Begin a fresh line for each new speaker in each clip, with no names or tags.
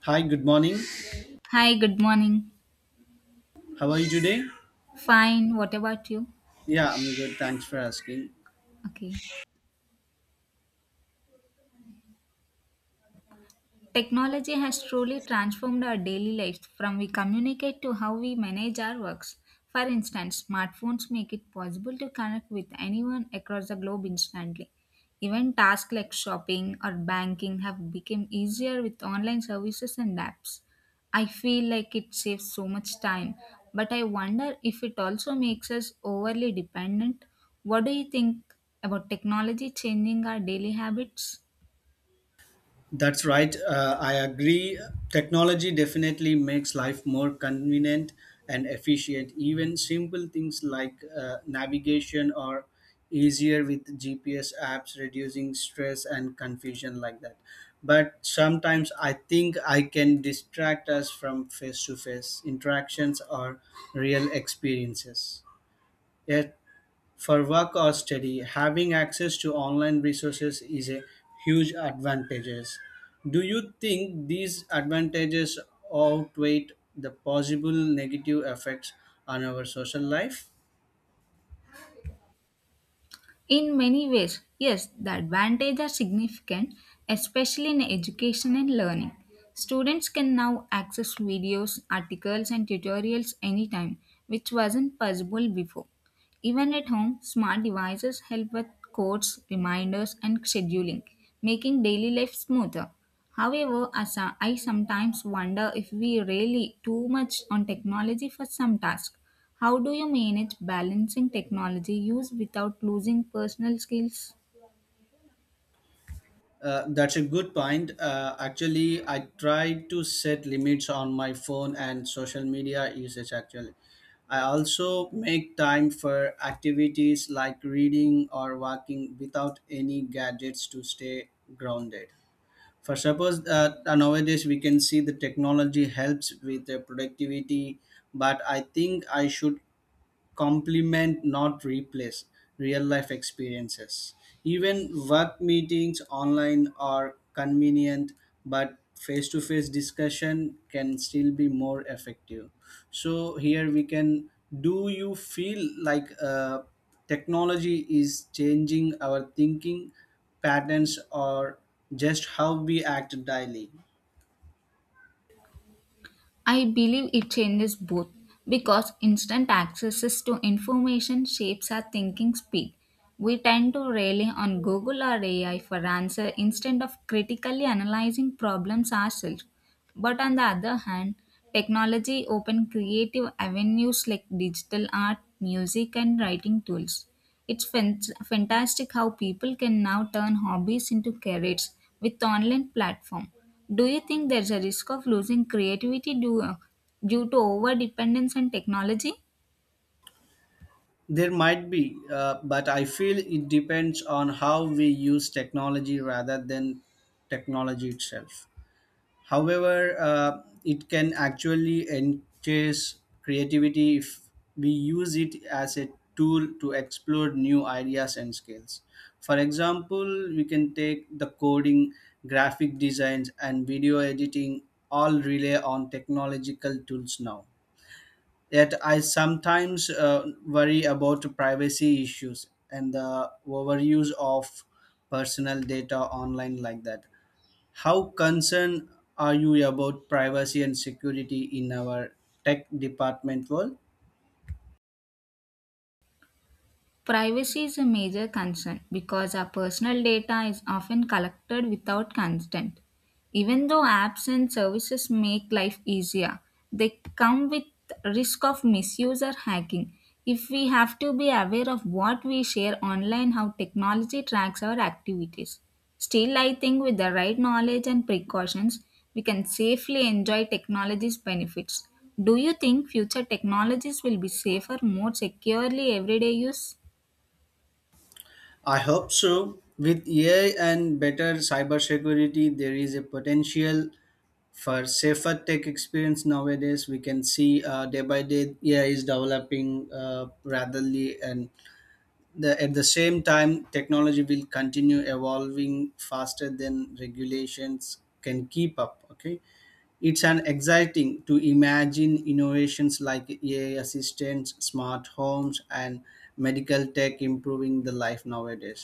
Hi, good morning.
Hi, good morning.
How are you today?
Fine, what about you?
Yeah, I'm good. Thanks for asking.
Okay. Technology has truly transformed our daily lives from we communicate to how we manage our works. For instance, smartphones make it possible to connect with anyone across the globe instantly. Even tasks like shopping or banking have become easier with online services and apps. I feel like it saves so much time, but I wonder if it also makes us overly dependent. What do you think about technology changing our daily habits?
That's right. I agree. Technology definitely makes life more convenient and efficient. Even simple things like navigation are easier with GPS apps, reducing stress and confusion like that. But sometimes I think I can distract us from face to face interactions or real experiences. Yet for work or study, having access to online resources is a huge advantages. Do you think these advantages outweigh the possible negative effects on our social life?
In many ways, yes, the advantages are significant, especially in education and learning. Students can now access videos, articles, and tutorials anytime, which wasn't possible before. Even at home, smart devices help with codes, reminders, and scheduling, making daily life smoother. However, I sometimes wonder if we rely too much on technology for some tasks. How do you manage balancing technology use without losing personal skills?
That's a good point. Actually, I try to set limits on my phone and social media usage. Actually, I also make time for activities like reading or walking without any gadgets to stay grounded. For suppose that nowadays we can see the technology helps with the productivity, but I think I should complement, not replace, real life experiences. Even work meetings online are convenient, but face to face discussion can still be more effective. So, here we can do you feel like technology is changing our thinking patterns or just how we act daily?
I believe it changes both because instant access to information shapes our thinking speed. We tend to rely on Google or AI for answer instead of critically analyzing problems ourselves. But on the other hand, technology opens creative avenues like digital art, music and writing tools. It's fantastic how people can now turn hobbies into careers with online platform. Do you think there's a risk of losing creativity due to over dependence on technology?
There might be, but I feel it depends on how we use technology rather than technology itself. However, it can actually enhance creativity if we use it as a tool to explore new ideas and skills. For example, we can take the coding, graphic designs, and video editing all rely on technological tools now. Yet I sometimes worry about privacy issues and the overuse of personal data online like that. How concerned are you about privacy and security in our tech department world?
Privacy is a major concern because our personal data is often collected without consent. Even though apps and services make life easier, they come with risk of misuse or hacking. If we have to be aware of what we share online, how technology tracks our activities. Still, I think with the right knowledge and precautions, we can safely enjoy technology's benefits. Do you think future technologies will be safer, more securely everyday use?
I hope so. With AI and better cybersecurity, there is a potential for safer tech experience nowadays. We can see day by day AI is developing rapidly and the at the same time technology will continue evolving faster than regulations can keep up. Okay, it's an exciting to imagine innovations like AI assistants, smart homes, and medical tech improving the life nowadays,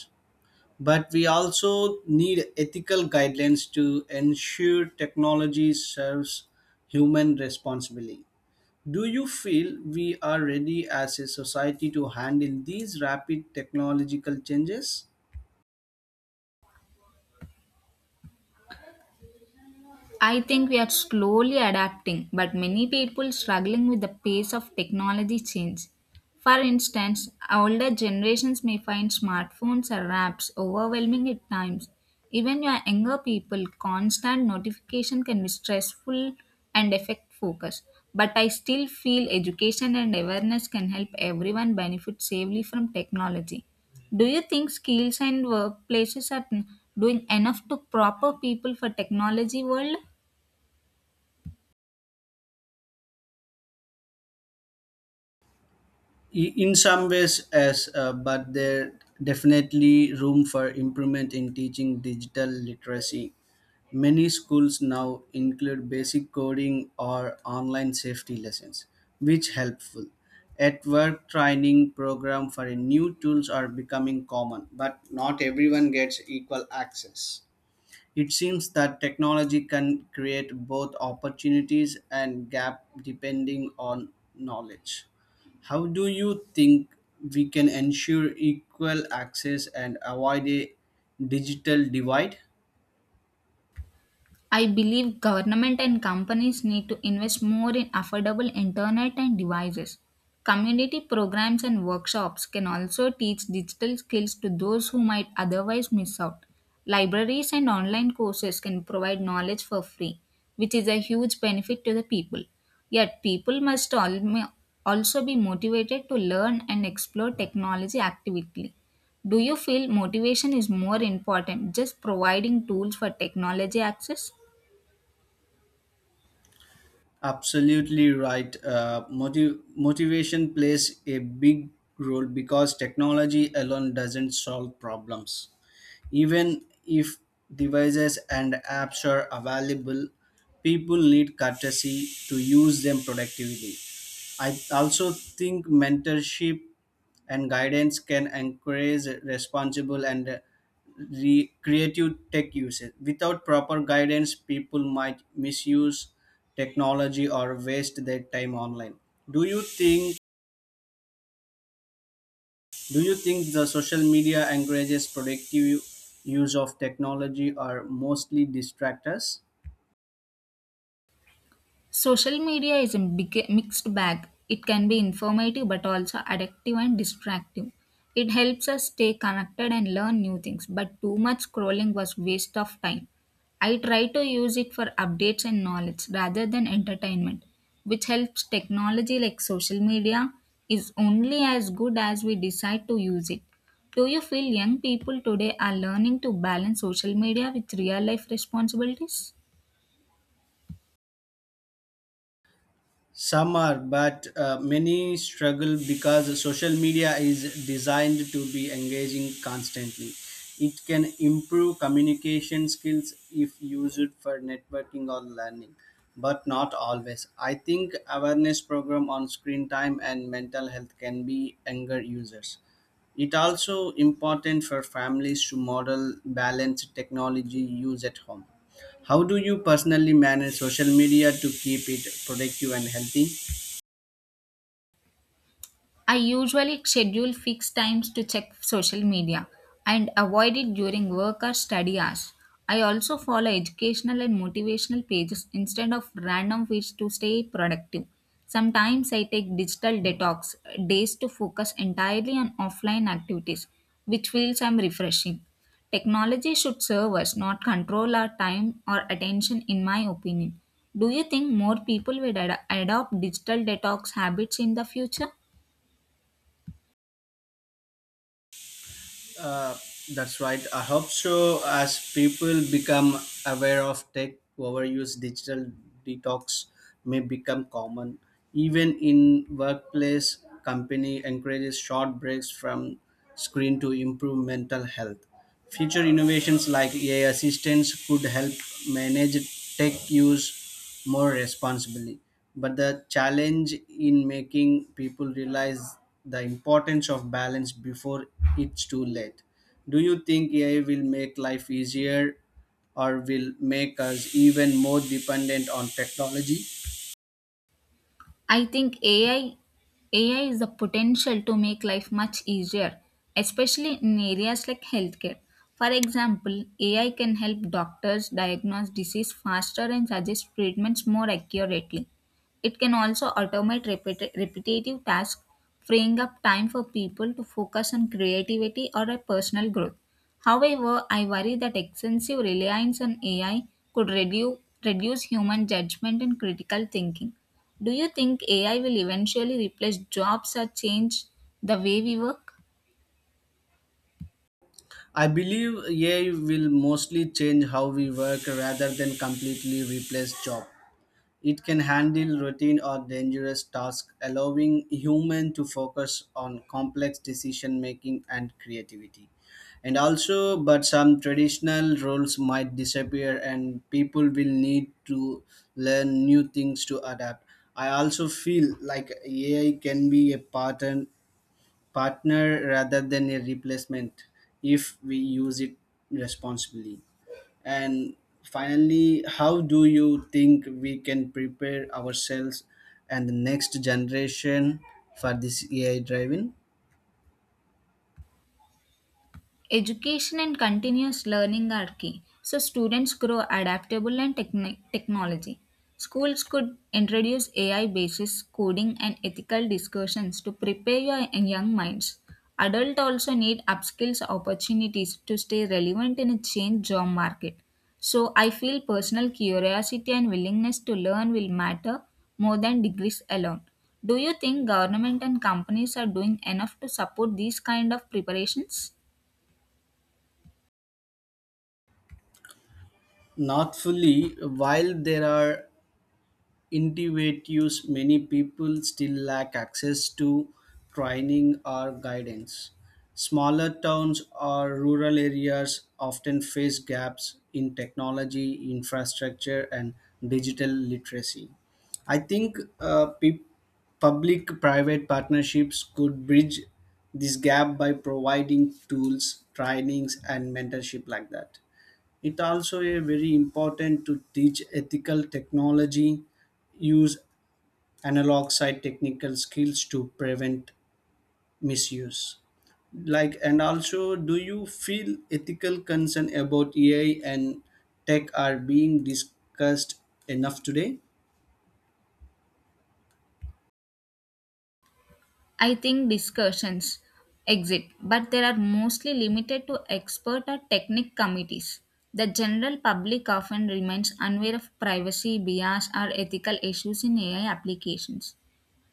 but we also need ethical guidelines to ensure technology serves human responsibly. Do you feel we are ready as a society to handle these rapid technological changes?
I think we are slowly adapting, but many people struggling with the pace of technology change. For instance, older generations may find smartphones or apps overwhelming at times. Even your younger people, constant notification can be stressful and affect focus. But I still feel education and awareness can help everyone benefit safely from technology. Do you think skills and workplaces are doing enough to proper people for technology world?
In some ways, yes, but there definitely room for improvement in teaching digital literacy. Many schools now include basic coding or online safety lessons, which helpful. At work training program for new tools are becoming common, but not everyone gets equal access. It seems that technology can create both opportunities and gap depending on knowledge. How do you think we can ensure equal access and avoid a digital divide?
I believe government and companies need to invest more in affordable internet and devices. Community programs and workshops can also teach digital skills to those who might otherwise miss out. Libraries and online courses can provide knowledge for free, which is a huge benefit to the people. Yet, people must also be motivated to learn and explore technology actively. Do you feel motivation is more important just providing tools for technology access?
Absolutely right. Motivation plays a big role because technology alone doesn't solve problems. Even if devices and apps are available, people need courtesy to use them productively. I also think mentorship and guidance can encourage responsible and creative tech usage. Without proper guidance, people might misuse technology or waste their time online. Do you think do you think the social media encourages productive use of technology or mostly distract us?
Social media is a big, mixed bag. It can be informative but also addictive and distractive. It helps us stay connected and learn new things, but too much scrolling was waste of time. I try to use it for updates and knowledge rather than entertainment, which helps technology like social media is only as good as we decide to use it. Do you feel young people today are learning to balance social media with real life responsibilities?
Some are, but many struggle because social media is designed to be engaging constantly. It can improve communication skills if used for networking or learning, but not always. I think awareness program on screen time and mental health can be younger users. It also important for families to model balanced technology use at home. How do you personally manage social media to keep it productive and healthy?
I usually schedule fixed times to check social media and avoid it during work or study hours. I also follow educational and motivational pages instead of random feeds to stay productive. Sometimes I take digital detox days to focus entirely on offline activities, which feels I'm refreshing. Technology should serve us, not control our time or attention, in my opinion. Do you think more people will adopt digital detox habits in the future?
Uh, that's right. I hope so. As people become aware of tech overuse, digital detox may become common. Even in workplace, company encourages short breaks from screen to improve mental health. Future innovations like AI assistants could help manage tech use more responsibly. But the challenge in making people realize the importance of balance before it's too late. Do you think AI will make life easier or will make us even more dependent on technology?
I think AI is the potential to make life much easier, especially in areas like healthcare. For example, AI can help doctors diagnose disease faster and suggest treatments more accurately. It can also automate repetitive tasks, freeing up time for people to focus on creativity or a personal growth. However, I worry that excessive reliance on AI could reduce human judgment and critical thinking. Do you think AI will eventually replace jobs or change the way we work?
I believe AI will mostly change how we work rather than completely replace jobs. It can handle routine or dangerous tasks, allowing human to focus on complex decision making and creativity. And also, but some traditional roles might disappear, and people will need to learn new things to adapt. I also feel like AI can be a partner rather than a replacement if we use it responsibly. And finally, how do you think we can prepare ourselves and the next generation for this AI driving?
Education and continuous learning are key, so students grow adaptable and technology. Schools could introduce AI basis coding and ethical discussions to prepare your young minds. Adults also need upskills opportunities to stay relevant in a changed job market. So I feel personal curiosity and willingness to learn will matter more than degrees alone. Do you think government and companies are doing enough to support these kind of preparations?
Not fully, while there are innovatives, many people still lack access to training or guidance. Smaller towns or rural areas often face gaps in technology, infrastructure, and digital literacy. I think public private partnerships could bridge this gap by providing tools, trainings, and mentorship like that. It also a very important to teach ethical technology, use analog side technical skills to prevent misuse. Like and also, do you feel ethical concern about AI and tech are being discussed enough today?
I think discussions exist, but they are mostly limited to expert or technique committees. The general public often remains unaware of privacy, bias, or ethical issues in AI applications.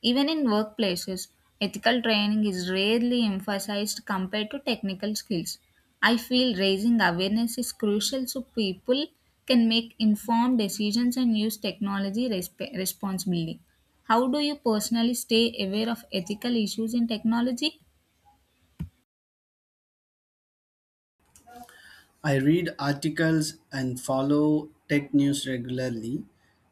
Even in workplaces, ethical training is rarely emphasized compared to technical skills. I feel raising awareness is crucial so people can make informed decisions and use technology responsibly. How do you personally stay aware of ethical issues in technology?
I read articles and follow tech news regularly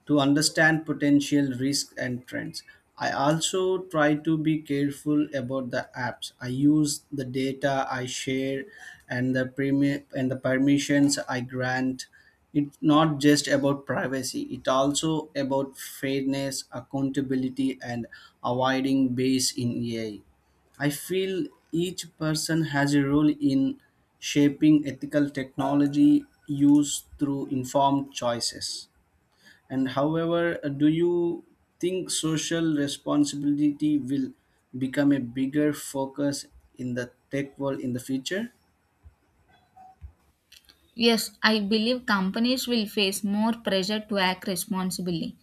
to understand potential risks and trends. I also try to be careful about the apps. I use the data I share and the permissions I grant. It's not just about privacy, it's also about fairness, accountability, and avoiding bias in AI. I feel each person has a role in shaping ethical technology use through informed choices. And however, do you think social responsibility will become a bigger focus in the tech world in the future?
Yes, I believe companies will face more pressure to act responsibly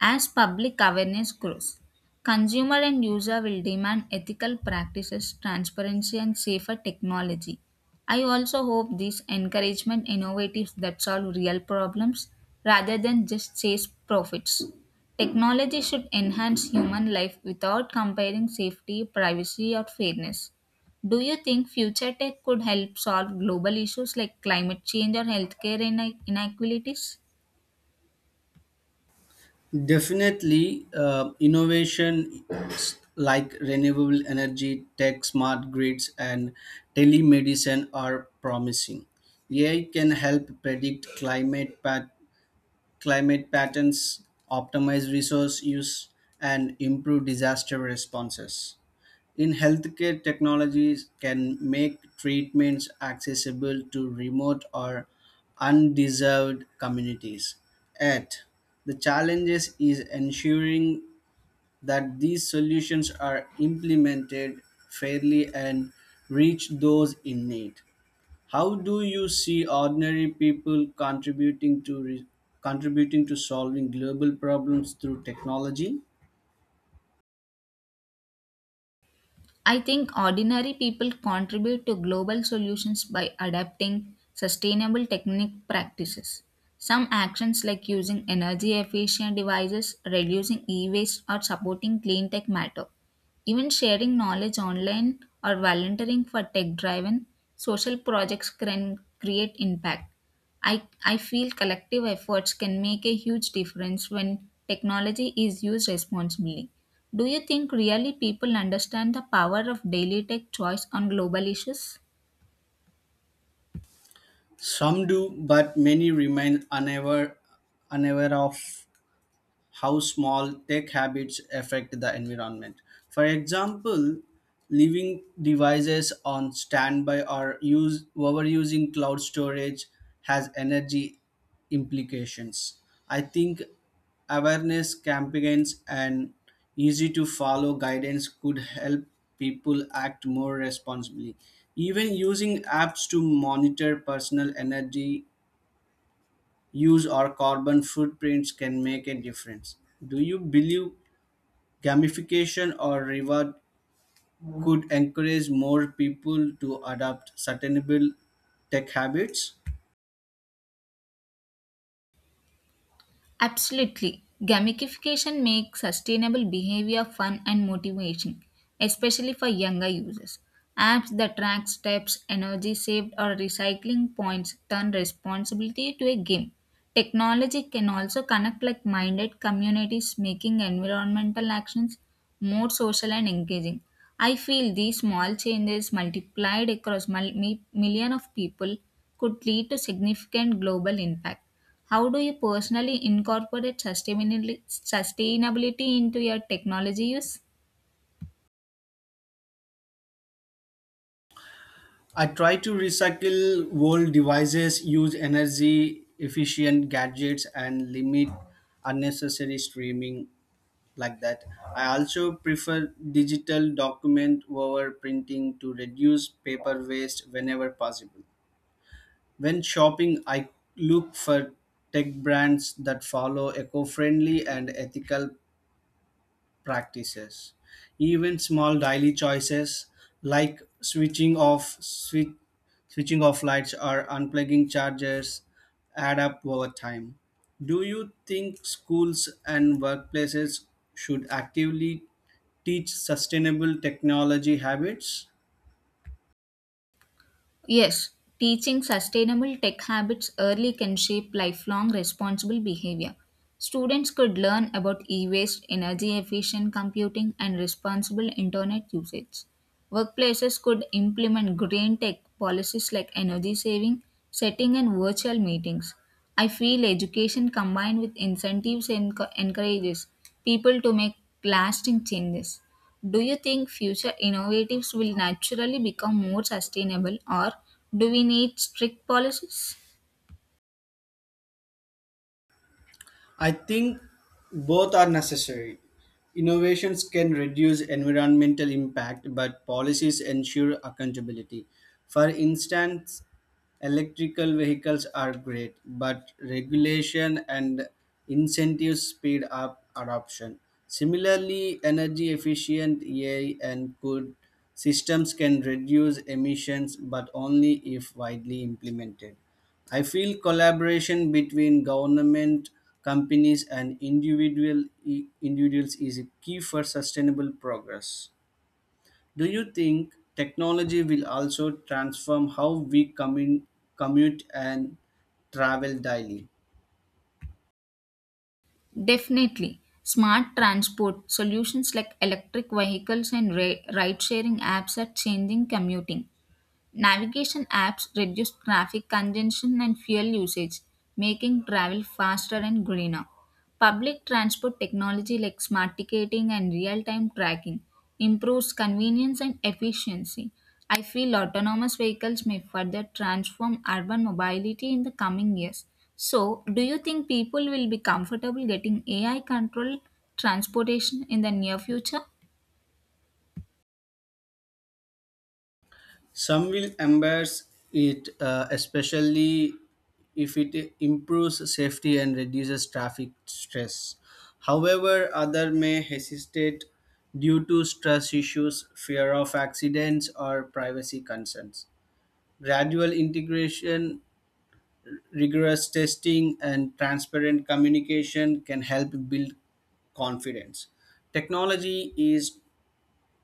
as public awareness grows. Consumer and user will demand ethical practices, transparency, and safer technology. I also hope these encouragement innovatives that solve real problems rather than just chase profits. Technology should enhance human life without comparing safety, privacy, or fairness. Do you think future tech could help solve global issues like climate change or healthcare inequalities?
Definitely, innovation like renewable energy, tech, smart grids, and telemedicine are promising. AI can help predict climate patterns, optimize resource use, and improve disaster responses. In healthcare, technologies can make treatments accessible to remote or undeserved communities. Yet, the challenges is ensuring that these solutions are implemented fairly and reach those in need. How do you see ordinary people contributing to solving global problems through technology?
I think ordinary people contribute to global solutions by adapting sustainable technique practices. Some actions like using energy efficient devices, reducing e waste, or supporting clean tech matter. Even sharing knowledge online or volunteering for tech driven social projects can create impact. I feel collective efforts can make a huge difference when technology is used responsibly. Do you think really people understand the power of daily tech choice on global issues?
Some do, but many remain unaware of how small tech habits affect the environment. For example, leaving devices on standby or use overusing cloud storage has energy implications. I think awareness campaigns and easy to follow guidance could help people act more responsibly. Even using apps to monitor personal energy use or carbon footprints can make a difference. Do you believe gamification or reward could encourage more people to adopt sustainable tech habits?
Absolutely. Gamification makes sustainable behavior fun and motivating, especially for younger users. Apps that track steps, energy saved, or recycling points turn responsibility to a game. Technology can also connect like minded communities, making environmental actions more social and engaging. I feel these small changes multiplied across million of people could lead to significant global impact. How do you personally incorporate sustainability into your technology use?
I try to recycle old devices, use energy efficient gadgets, and limit unnecessary streaming like that. I also prefer digital document over printing to reduce paper waste whenever possible. When shopping, I look for tech brands that follow eco-friendly and ethical practices. Even small daily choices like switching off lights or unplugging chargers add up over time. Do you think schools and workplaces should actively teach sustainable technology habits?
Yes, teaching sustainable tech habits early can shape lifelong responsible behavior. Students could learn about e waste, energy efficient computing, and responsible internet usage. Workplaces could implement green tech policies like energy saving, setting, and virtual meetings. I feel education combined with incentives encourages people to make lasting changes. Do you think future innovatives will naturally become more sustainable or do we need strict policies?
I think both are necessary. Innovations can reduce environmental impact, but policies ensure accountability. For instance, electrical vehicles are great, but regulation and incentives speed up adoption. Similarly, energy efficient AI and good systems can reduce emissions, but only if widely implemented. I feel collaboration between government, companies, and individuals is a key for sustainable progress. Do you think technology will also transform how we commute and travel daily?
Definitely. Smart transport solutions like electric vehicles and ride sharing apps are changing commuting. Navigation apps reduce traffic congestion and fuel usage, making travel faster and greener. Public transport technology like smart ticketing and real time tracking improves convenience and efficiency. I feel autonomous vehicles may further transform urban mobility in the coming years. So, do you think people will be comfortable getting AI controlled transportation in the near future?
Some will embrace it, especially if it improves safety and reduces traffic stress. However, others may hesitate due to stress issues, fear of accidents, or privacy concerns. Gradual integration, rigorous testing, and transparent communication can help build confidence. Technology is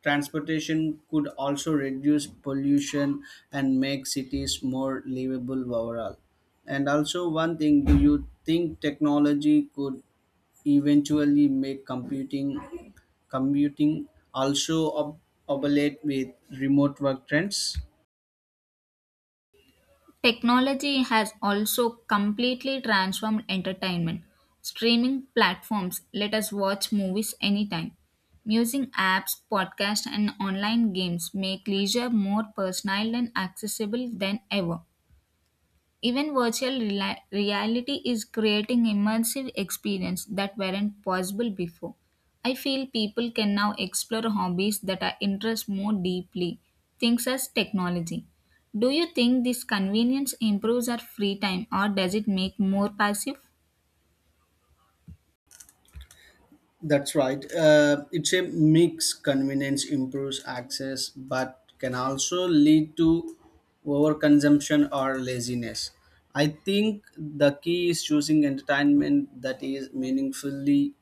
transportation could also reduce pollution and make cities more livable overall. And also, one thing do you think technology could eventually make computing also obsolete with remote work trends?
Technology has also completely transformed entertainment. Streaming platforms let us watch movies anytime. Using apps, podcasts, and online games make leisure more personal and accessible than ever. Even virtual reality is creating immersive experience that weren't possible before. I feel people can now explore hobbies that are interest more deeply, things as technology. Do you think this convenience improves our free time or does it make more passive?
That's right. It's a mix. Convenience improves access, but can also lead to overconsumption or laziness. I think the key is choosing entertainment that is meaningfully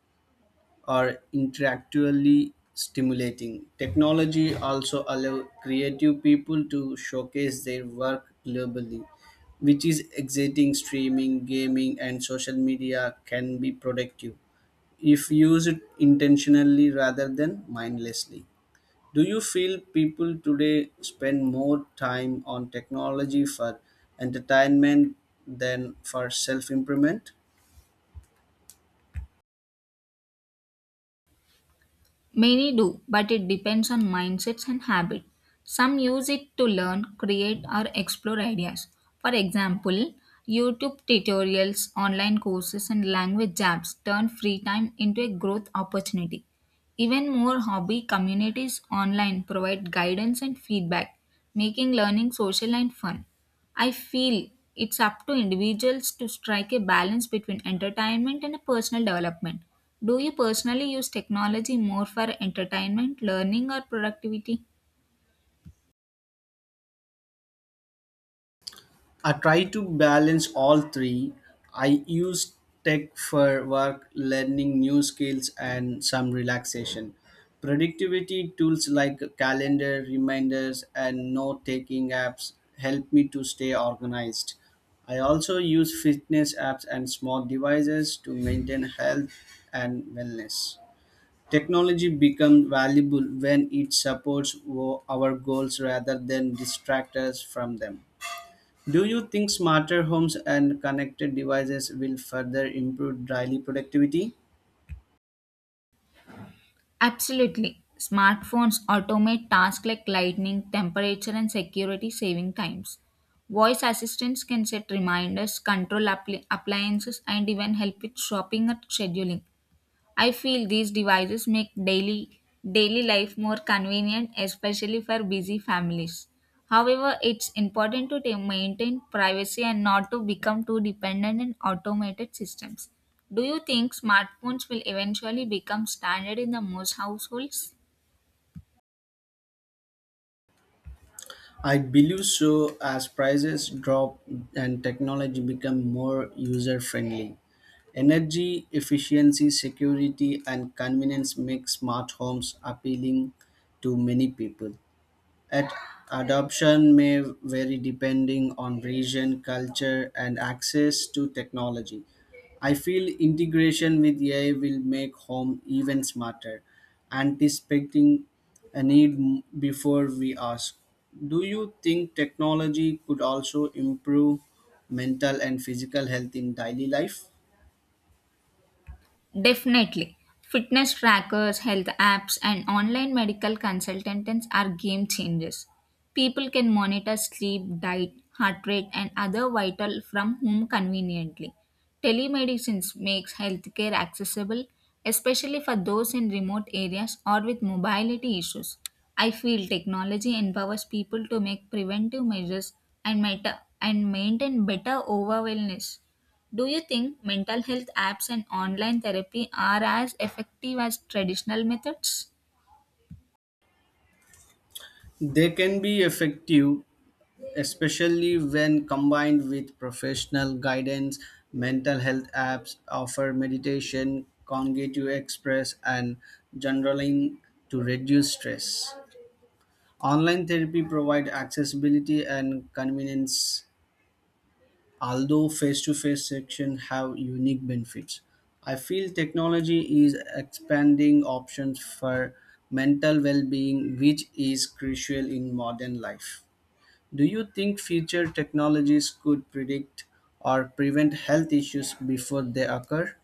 or intellectually stimulating. Technology also allow creative people to showcase their work globally, which is exciting. Streaming, gaming, and social media can be productive if used intentionally rather than mindlessly. Do you feel people today spend more time on technology for entertainment than for self improvement?
Many do, but it depends on mindsets and habit. Some use it to learn, create, or explore ideas. For example, YouTube tutorials, online courses, and language apps turn free time into a growth opportunity. Even more hobby communities online provide guidance and feedback, making learning social and fun. I feel it's up to individuals to strike a balance between entertainment and personal development. Do you personally use technology more for entertainment, learning, or productivity?
I try to balance all three. I use tech for work, learning new skills, and some relaxation. Productivity tools like calendar reminders and note taking apps help me to stay organized. I also use fitness apps and smart devices to maintain health and wellness. Technology becomes valuable when it supports our goals rather than distract us from them. Do you think smarter homes and connected devices will further improve daily productivity?
Absolutely. Smartphones automate tasks like lighting, temperature, and security, saving times. Voice assistants can set reminders, control appliances, and even help with shopping or scheduling. I feel these devices make daily life more convenient especially for busy families. However, it's important to maintain privacy and not to become too dependent on automated systems. Do you think smartphones will eventually become standard in the most households?
I believe so as prices drop and technology become more user friendly. Energy efficiency, security, and convenience make smart homes appealing to many people. At adoption may vary depending on region, culture, and access to technology. I feel integration with AI will make home even smarter, anticipating a before we ask. Do you think technology could also improve mental and physical health in daily life?
Definitely. Fitness trackers, health apps, and online medical consultants are game changers. People can monitor sleep, diet, heart rate, and other vital from home conveniently. Telemedicine makes healthcare accessible, especially for those in remote areas or with mobility issues. I feel technology empowers people to make preventive measures and maintain better overall wellness. Do you think mental health apps and online therapy are as effective as traditional methods?
They can be effective especially when combined with professional guidance. Mental health apps offer meditation, cognitive express, and journaling to reduce stress. Online therapy provide accessibility and convenience, although face-to-face sessions have unique benefits. I feel technology is expanding options for mental well-being, which is crucial in modern life. Do you think future technologies could predict or prevent health issues before they occur?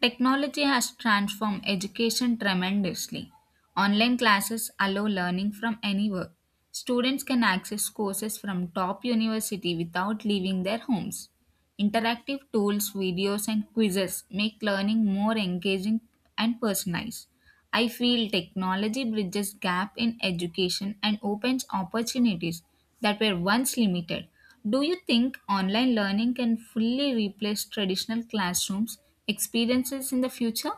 Technology has transformed education tremendously. Online classes allow learning from anywhere. Students can access courses from top university without leaving their homes. Interactive tools, videos, and quizzes make learning more engaging and personalized. I feel technology bridges gap in education and opens opportunities that were once limited. Do you think online learning can fully replace traditional classrooms experiences in the future?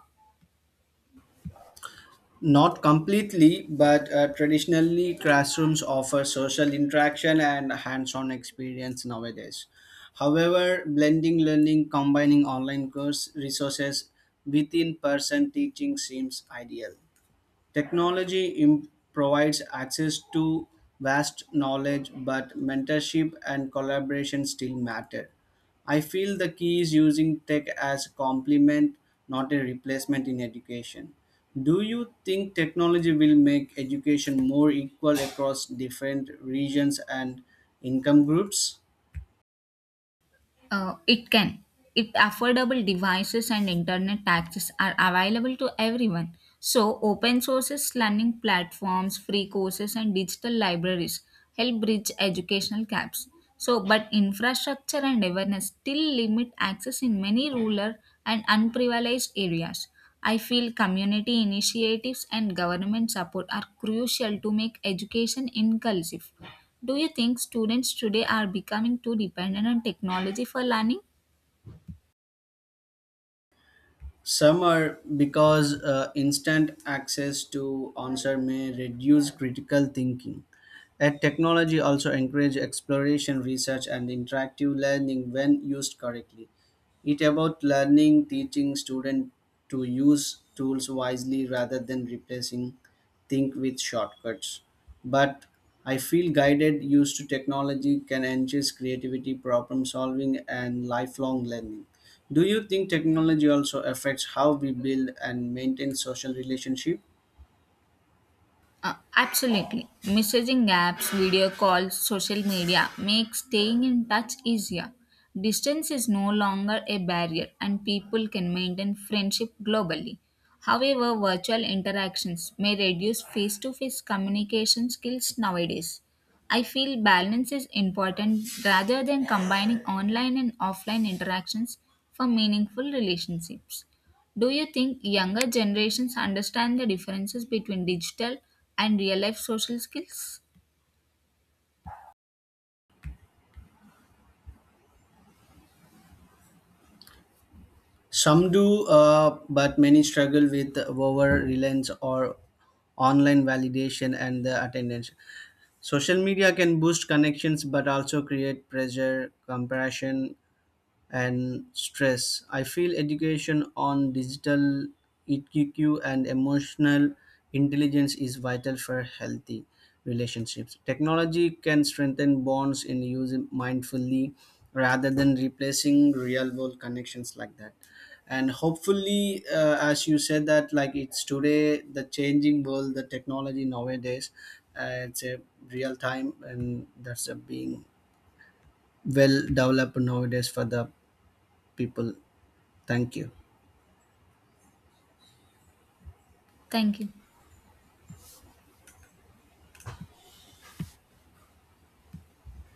Not completely, but traditionally, classrooms offer social interaction and hands on experience nowadays. However, blending learning, combining online course resources with in person teaching seems ideal. Technology provides access to vast knowledge, but mentorship and collaboration still matter. I feel the key is using tech as a complement, not a replacement in education. Do you think technology will make education more equal across different regions and income groups?
It can. If affordable devices and internet access are available to everyone, so open sources, learning platforms, free courses, and digital libraries help bridge educational gaps. So, but infrastructure and awareness still limit access in many rural and unprivileged areas. I feel community initiatives and government support are crucial to make education inclusive. Do you think students today are becoming too dependent on technology for learning?
Some are because instant access to answer may reduce critical thinking. Ed technology also encourage exploration, research, and interactive learning when used correctly. It about learning, teaching students to use tools wisely rather than replacing think with shortcuts. But I feel guided use to technology can enhance creativity, problem solving, and lifelong learning. Do you think technology also affects how we build and maintain social relationship?
Absolutely. Messaging apps, video calls, social media make staying in touch easier. Distance is no longer a barrier and people can maintain friendship globally. However, virtual interactions may reduce face to face communication skills nowadays. I feel balance is important rather than combining online and offline interactions for meaningful relationships. Do you think younger generations understand the differences between digital and real life social skills?
Some do, but many struggle with over reliance or online validation and the attendance. Social media can boost connections, but also create pressure, comparison, and stress. I feel education on digital EQ and emotional intelligence is vital for healthy relationships. Technology can strengthen bonds in use mindfully rather than replacing real world connections like that. And hopefully, as you said that, like it's today the changing world, the technology nowadays, it's a real time, and that's a being well developed nowadays for the people. Thank you.
Thank you.